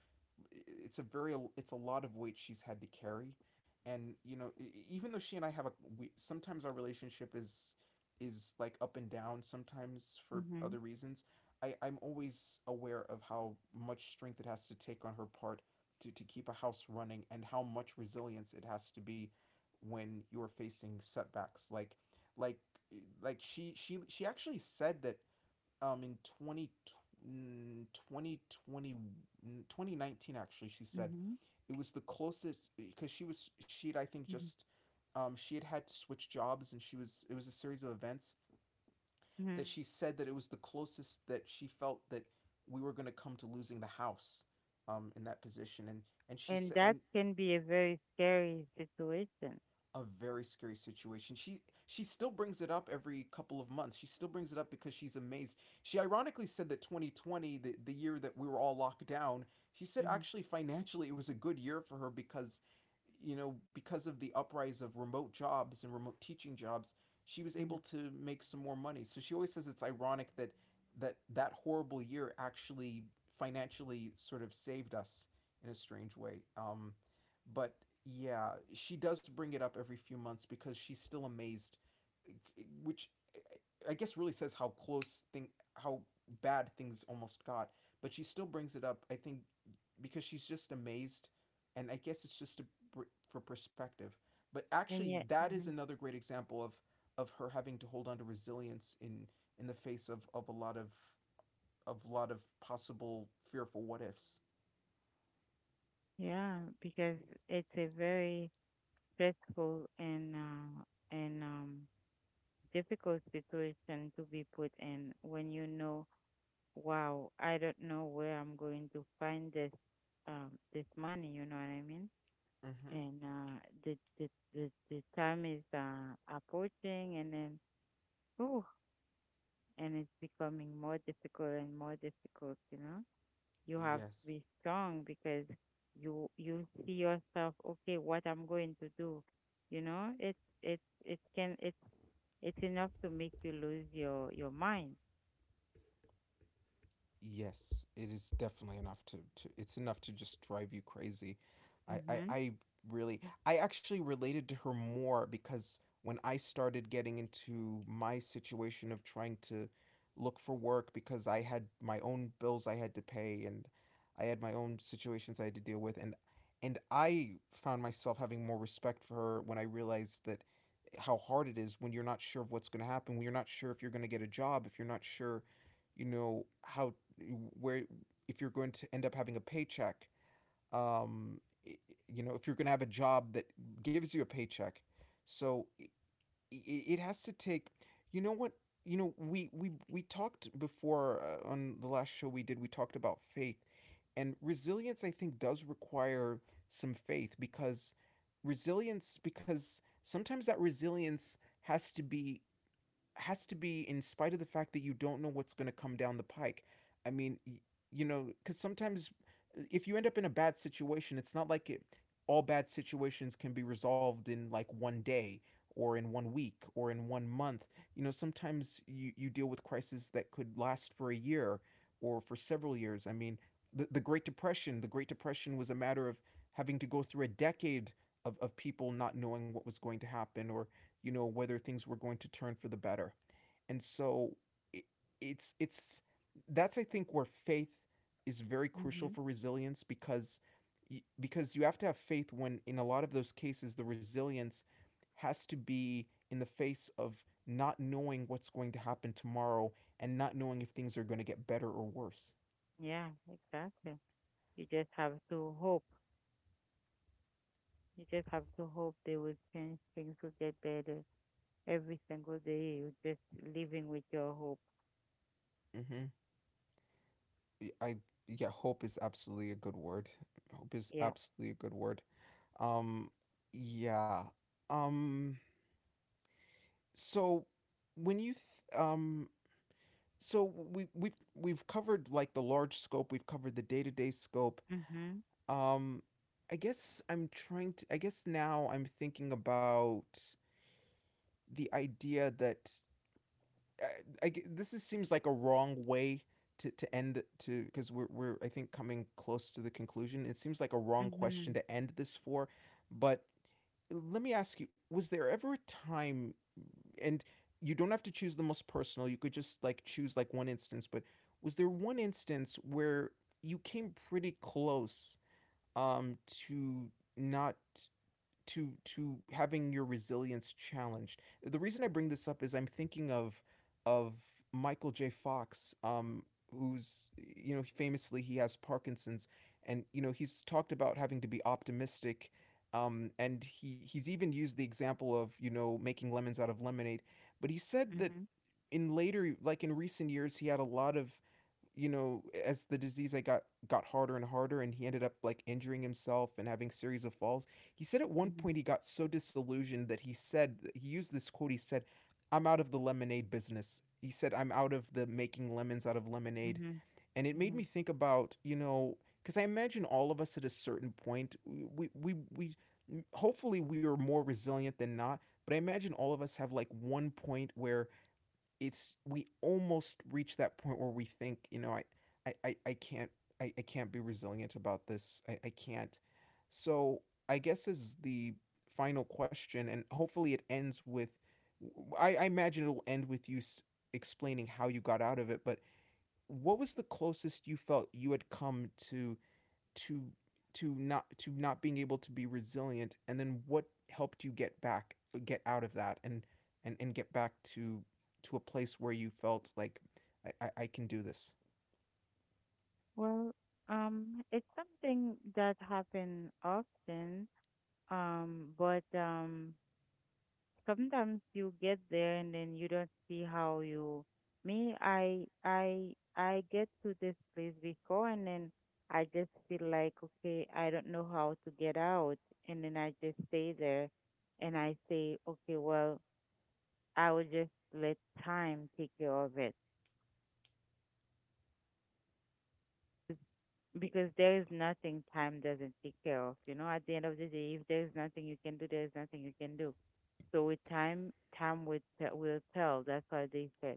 it's a very, it's a lot of weight she's had to carry. And you know, e- e, even though she and I have a, we, sometimes our relationship is is like up and down sometimes for Mm-hmm. other reasons, i i'm always aware of how much strength it has to take on her part to to keep a house running, and how much resilience it has to be when you're facing setbacks like like like she she she actually said that um in twenty, mm, mm, twenty nineteen actually. She said Mm-hmm. Mm-hmm. it was the closest, because she was she had I think just, um she had had to switch jobs, and she was it was a series of events Mm-hmm. that she said, that it was the closest that she felt that we were going to come to losing the house, um, in that position. And and she And said, that and can be a very scary situation. a very scary situation. She she still brings it up every couple of months. She still brings it up because she's amazed. She ironically said that twenty twenty, the, the year that we were all locked down, she said Mm-hmm. actually financially it was a good year for her because, you know, because of the uprise of remote jobs and remote teaching jobs, she was Mm-hmm. able to make some more money. So she always says it's ironic that that that horrible year actually financially sort of saved us in a strange way. Um, but yeah, she does bring it up every few months because she's still amazed, which I guess really says how close thing how bad things almost got. But she still brings it up, I think, because she's just amazed, and I guess it's just to, for perspective. But And actually, yet, that is mhm. another great example of of her having to hold on to resilience in in the face of of a lot of of lot of possible fearful what ifs. Yeah, because it's a very stressful and, uh, and um, difficult situation to be put in when, you know wow, I don't know where I'm going to find this, um this money. You know what I mean? Mm-hmm. And, uh the the the, the time is, uh approaching, and then, oh and it's becoming more difficult and more difficult, you know? You have to Yes. be strong because you you see yourself, okay, what I'm going to do? You know? It's it's it can it's it's enough to make you lose your your mind. Yes, it is definitely enough to, to it's enough to just drive you crazy. I, I, Mhm. I really, I actually related to her more because when I started getting into my situation of trying to look for work, because I had my own bills I had to pay, and I had my own situations I had to deal with, and and I found myself having more respect for her when I realized that how hard it is when you're not sure of what's going to happen, when you're not sure if you're going to get a job, if you're not sure, you know, how, where, if you're going to end up having a paycheck, um, you know, if you're going to have a job that gives you a paycheck. So it has to take, you know what, you know, we we we talked before, uh, on the last show we did, we talked about faith, and resilience I think does require some faith, because resilience, because sometimes that resilience has to be, has to be in spite of the fact that you don't know what's going to come down the pike. I mean, you know, because sometimes, uh, if you end up in a bad situation, it's not like it, all bad situations can be resolved in like one day or in one week or in one month. You know, sometimes you, you deal with crises that could last for a year or for several years. I mean, the, the Great Depression, the Great Depression was a matter of having to go through a decade of, of people not knowing what was going to happen, or, you know, whether things were going to turn for the better. And so it, it's it's that's I think where faith is very crucial Mhm. for resilience, because because you have to have faith when, in a lot of those cases, the resilience has to be in the face of not knowing what's going to happen tomorrow and not knowing if things are going to get better or worse. Yeah, exactly. You just have to hope. You just have to hope they will change, things will get better every single day. You're just living with your hope. Mm-hmm. Y- I Yeah, hope is absolutely a good word. Hope is Yeah. absolutely a good word. Um yeah. Um so when you th- um so we we've we've covered like the large scope, we've covered the day-to-day scope. Mhm. Um i guess i'm trying to, I guess now I'm thinking about the idea that, i, I g- this is, seems like a wrong way to, to end to, because we're, we're I think coming close to the conclusion, it seems like a wrong Mhm. question to end this for. But let me ask you, was there ever a time, and you don't have to choose the most personal, you could just like choose like one instance, but was there one instance where you came pretty close, um, to not, to to having your resilience challenged? The reason I bring this up is I'm thinking of of Michael J. Fox, um, who's, you know, famously he has Parkinson's, and, you know, he's talked about having to be optimistic, um, and he he's even used the example of, you know, making lemons out of lemonade. But he said that Mhm. in later, like in recent years, he had a lot of, you know, as the disease I got got harder and harder, and he ended up like injuring himself and having series of falls. He said at one Mhm. point he got so disillusioned that he said he used this quote. He said, "I'm out of the lemonade business." He said, "I'm out of the making lemons out of lemonade," Mhm. and it made me Mhm. think about, you know, because I imagine all of us at a certain point, we we we hopefully we are more resilient than not, but I imagine all of us have like one point where it's, we almost reach that point where we think, you know, I, I, I, can't, I, I can't be resilient about this. I, I can't. So I guess is the final question, and hopefully it ends with I, I imagine it'll end with you explaining how you got out of it. But what was the closest you felt you had come to to to not to not being able to be resilient, and then what helped you get back, get out of that, and and and get back to to a place where you felt like i i, I can do this? Well, um, it's something that happens often. um, but, um, sometimes you get there and then you don't see how you me I I I get to this place before, and then I just feel like, okay, I don't know how to get out, and then I just stay there and I say, okay, well, I will just let time take care of it. Because there is nothing time doesn't take care of, you know at the end of the day. If there is nothing you can do, there is nothing you can do. So with time, time will te- will tell. That's what they say.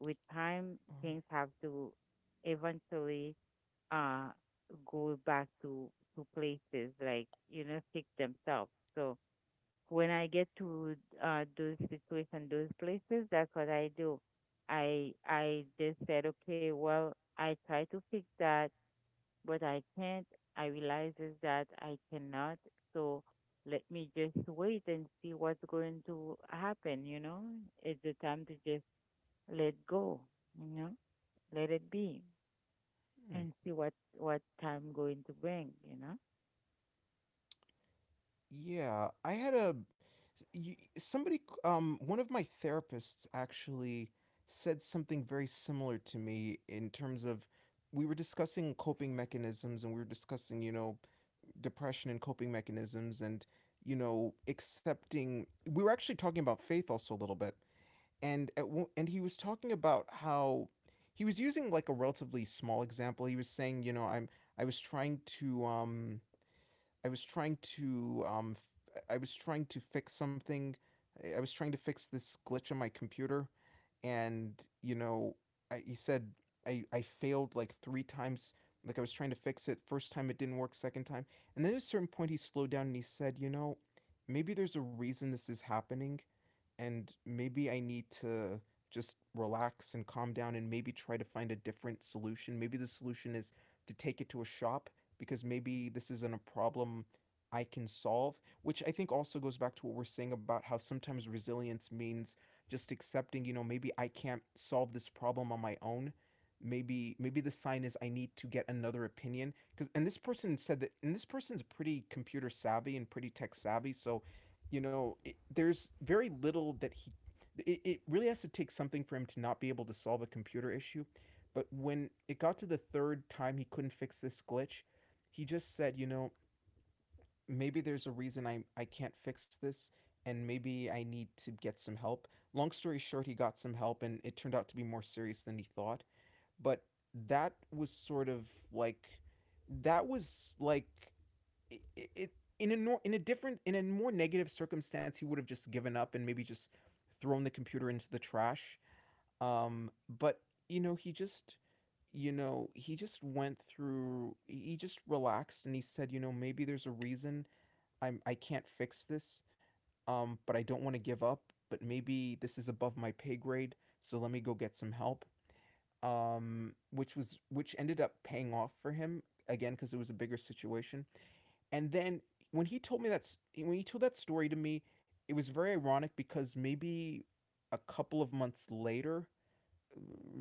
With time, Oh, things have to eventually, uh go back to, to places, like you know fix themselves. So when I get to, uh those situations, those places, that's what I do. I I just said, okay, well, I try to fix that, but I can't. I realizes that I cannot. So let me just wait and see what's going to happen. You know, it's the time to just let go. You know Let it be, hmm. and see what what time going to bring you know Yeah, I had a somebody, um, one of my therapists actually said something very similar to me in terms of, we were discussing coping mechanisms, and we were discussing, you know, depression and coping mechanisms, and, you know, accepting, we were actually talking about faith also a little bit. And at, and he was talking about how he was using like a relatively small example. He was saying, you know, i'm I was trying to um I was trying to, um, I was trying to fix something. I I was trying to fix this glitch on my computer, and, you know, I, he said, I I failed like three times. Like I was trying to fix it first time, it didn't work. Second time, and then at a certain point, he slowed down and he said, you know, maybe there's a reason this is happening, and maybe I need to just relax and calm down and maybe try to find a different solution. Maybe the solution is to take it to a shop, because maybe this isn't a problem I can solve, which I think also goes back to what we're saying about how sometimes resilience means just accepting, you know, maybe I can't solve this problem on my own. Maybe maybe the sign is I need to get another opinion, because, and this person said that, and this person's pretty computer savvy and pretty tech savvy, so, you know, it, there's very little that he. It, it really has to take something for him to not be able to solve a computer issue. But when it got to the third time he couldn't fix this glitch, he just said, you know, maybe there's a reason I, I can't fix this and maybe I need to get some help. Long story short, he got some help and it turned out to be more serious than he thought. But that was sort of like that was like it, it in a nor- in a different, in a more negative circumstance, he would have just given up and maybe just thrown the computer into the trash. Um but You know, he just you know he just went through he just relaxed and he said, you know, maybe there's a reason I'm I can't fix this, um but I don't want to give up, but maybe this is above my pay grade, so let me go get some help, um which was which ended up paying off for him, again, because it was a bigger situation. And then when he told me that when he told that story to me, it was very ironic because maybe a couple of months later,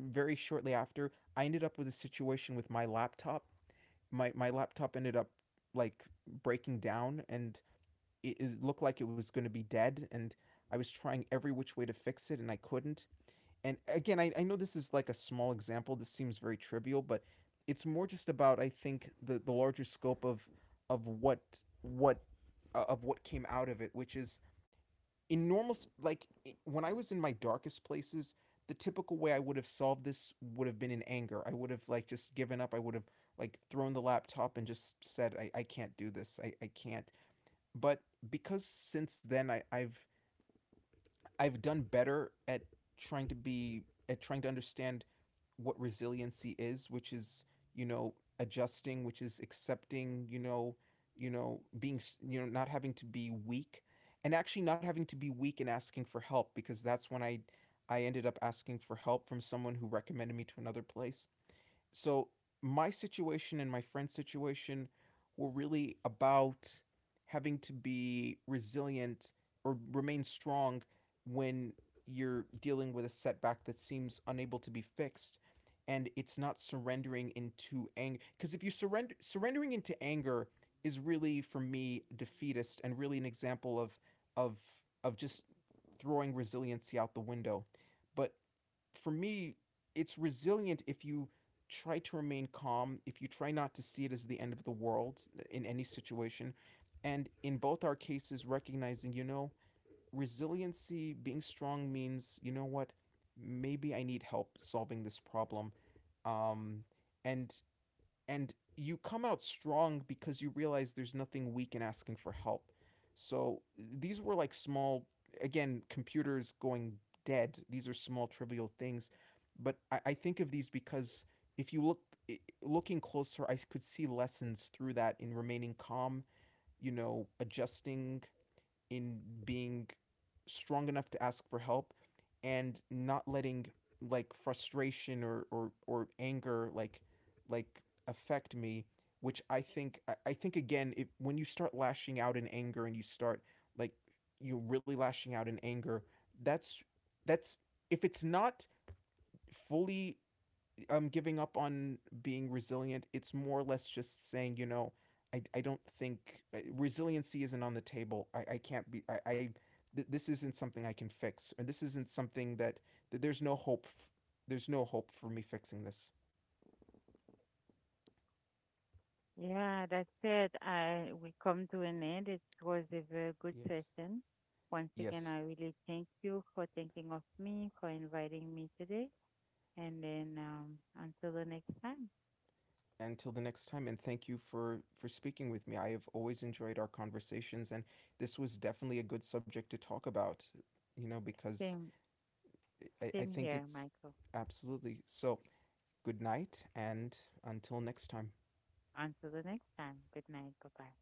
very shortly after, I ended up with a situation with my laptop. My my laptop ended up, like, breaking down, and it, it looked like it was going to be dead, and I was trying every which way to fix it and I couldn't. And again, I, I know this is like a small example, this seems very trivial, but it's more just about, I think, the, the larger scope of of what what uh, of what came out of it, which is, in normal, like, when I was in my darkest places, the typical way I would have solved this would have been in anger. I would have, like, just given up. I would have, like, thrown the laptop and just said, i, I can't do this. I, I can't. But because since then I, I've i've done better at trying to be, at trying to understand what resiliency is, which is, you know, adjusting, which is accepting, you know, you know being you know not having to be weak, and actually not having to be weak and asking for help, because that's when I I ended up asking for help from someone who recommended me to another place. So my situation and my friend's situation were really about having to be resilient or remain strong when you're dealing with a setback that seems unable to be fixed. And it's not surrendering into anger, because if you surrender surrendering into anger is really, for me, defeatist and really an example of of of just throwing resiliency out the window. But for me, it's resilient if you try to remain calm, if you try not to see it as the end of the world in any situation. And in both our cases, recognizing, you know, resiliency, being strong means, you know what, maybe I need help solving this problem. Um, and and you come out strong because you realize there's nothing weak in asking for help. So these were like small, again, computers going dead. These are small, trivial things, but I, I think of these because if you look looking closer, I could see lessons through that in remaining calm. You know, adjusting, in being strong enough to ask for help and not letting, like, frustration or or, or anger, like, like affect me. Which I think, I- i think again, it, when you start lashing out in anger and you start, like, you're really lashing out in anger, that's, that's if it's not fully um giving up on being resilient. It's more or less just saying, you know, I, I don't think uh, resiliency isn't on the table. I, I can't be. I, I th- this isn't something I can fix, and this isn't something that, that there's no hope. f- There's no hope for me fixing this. Yeah, that's it. I We come to an end. It was a very good Yes. session. Once again, Yes. I really thank you for thinking of me, for inviting me today. And then, um until the next time. Until the next time, and thank you for for speaking with me. I have always enjoyed our conversations, and this was definitely a good subject to talk about. You know, because same I, I same think here, it's Michael. absolutely so. Good night, and until next time. Until the next time. Good night. Bye bye.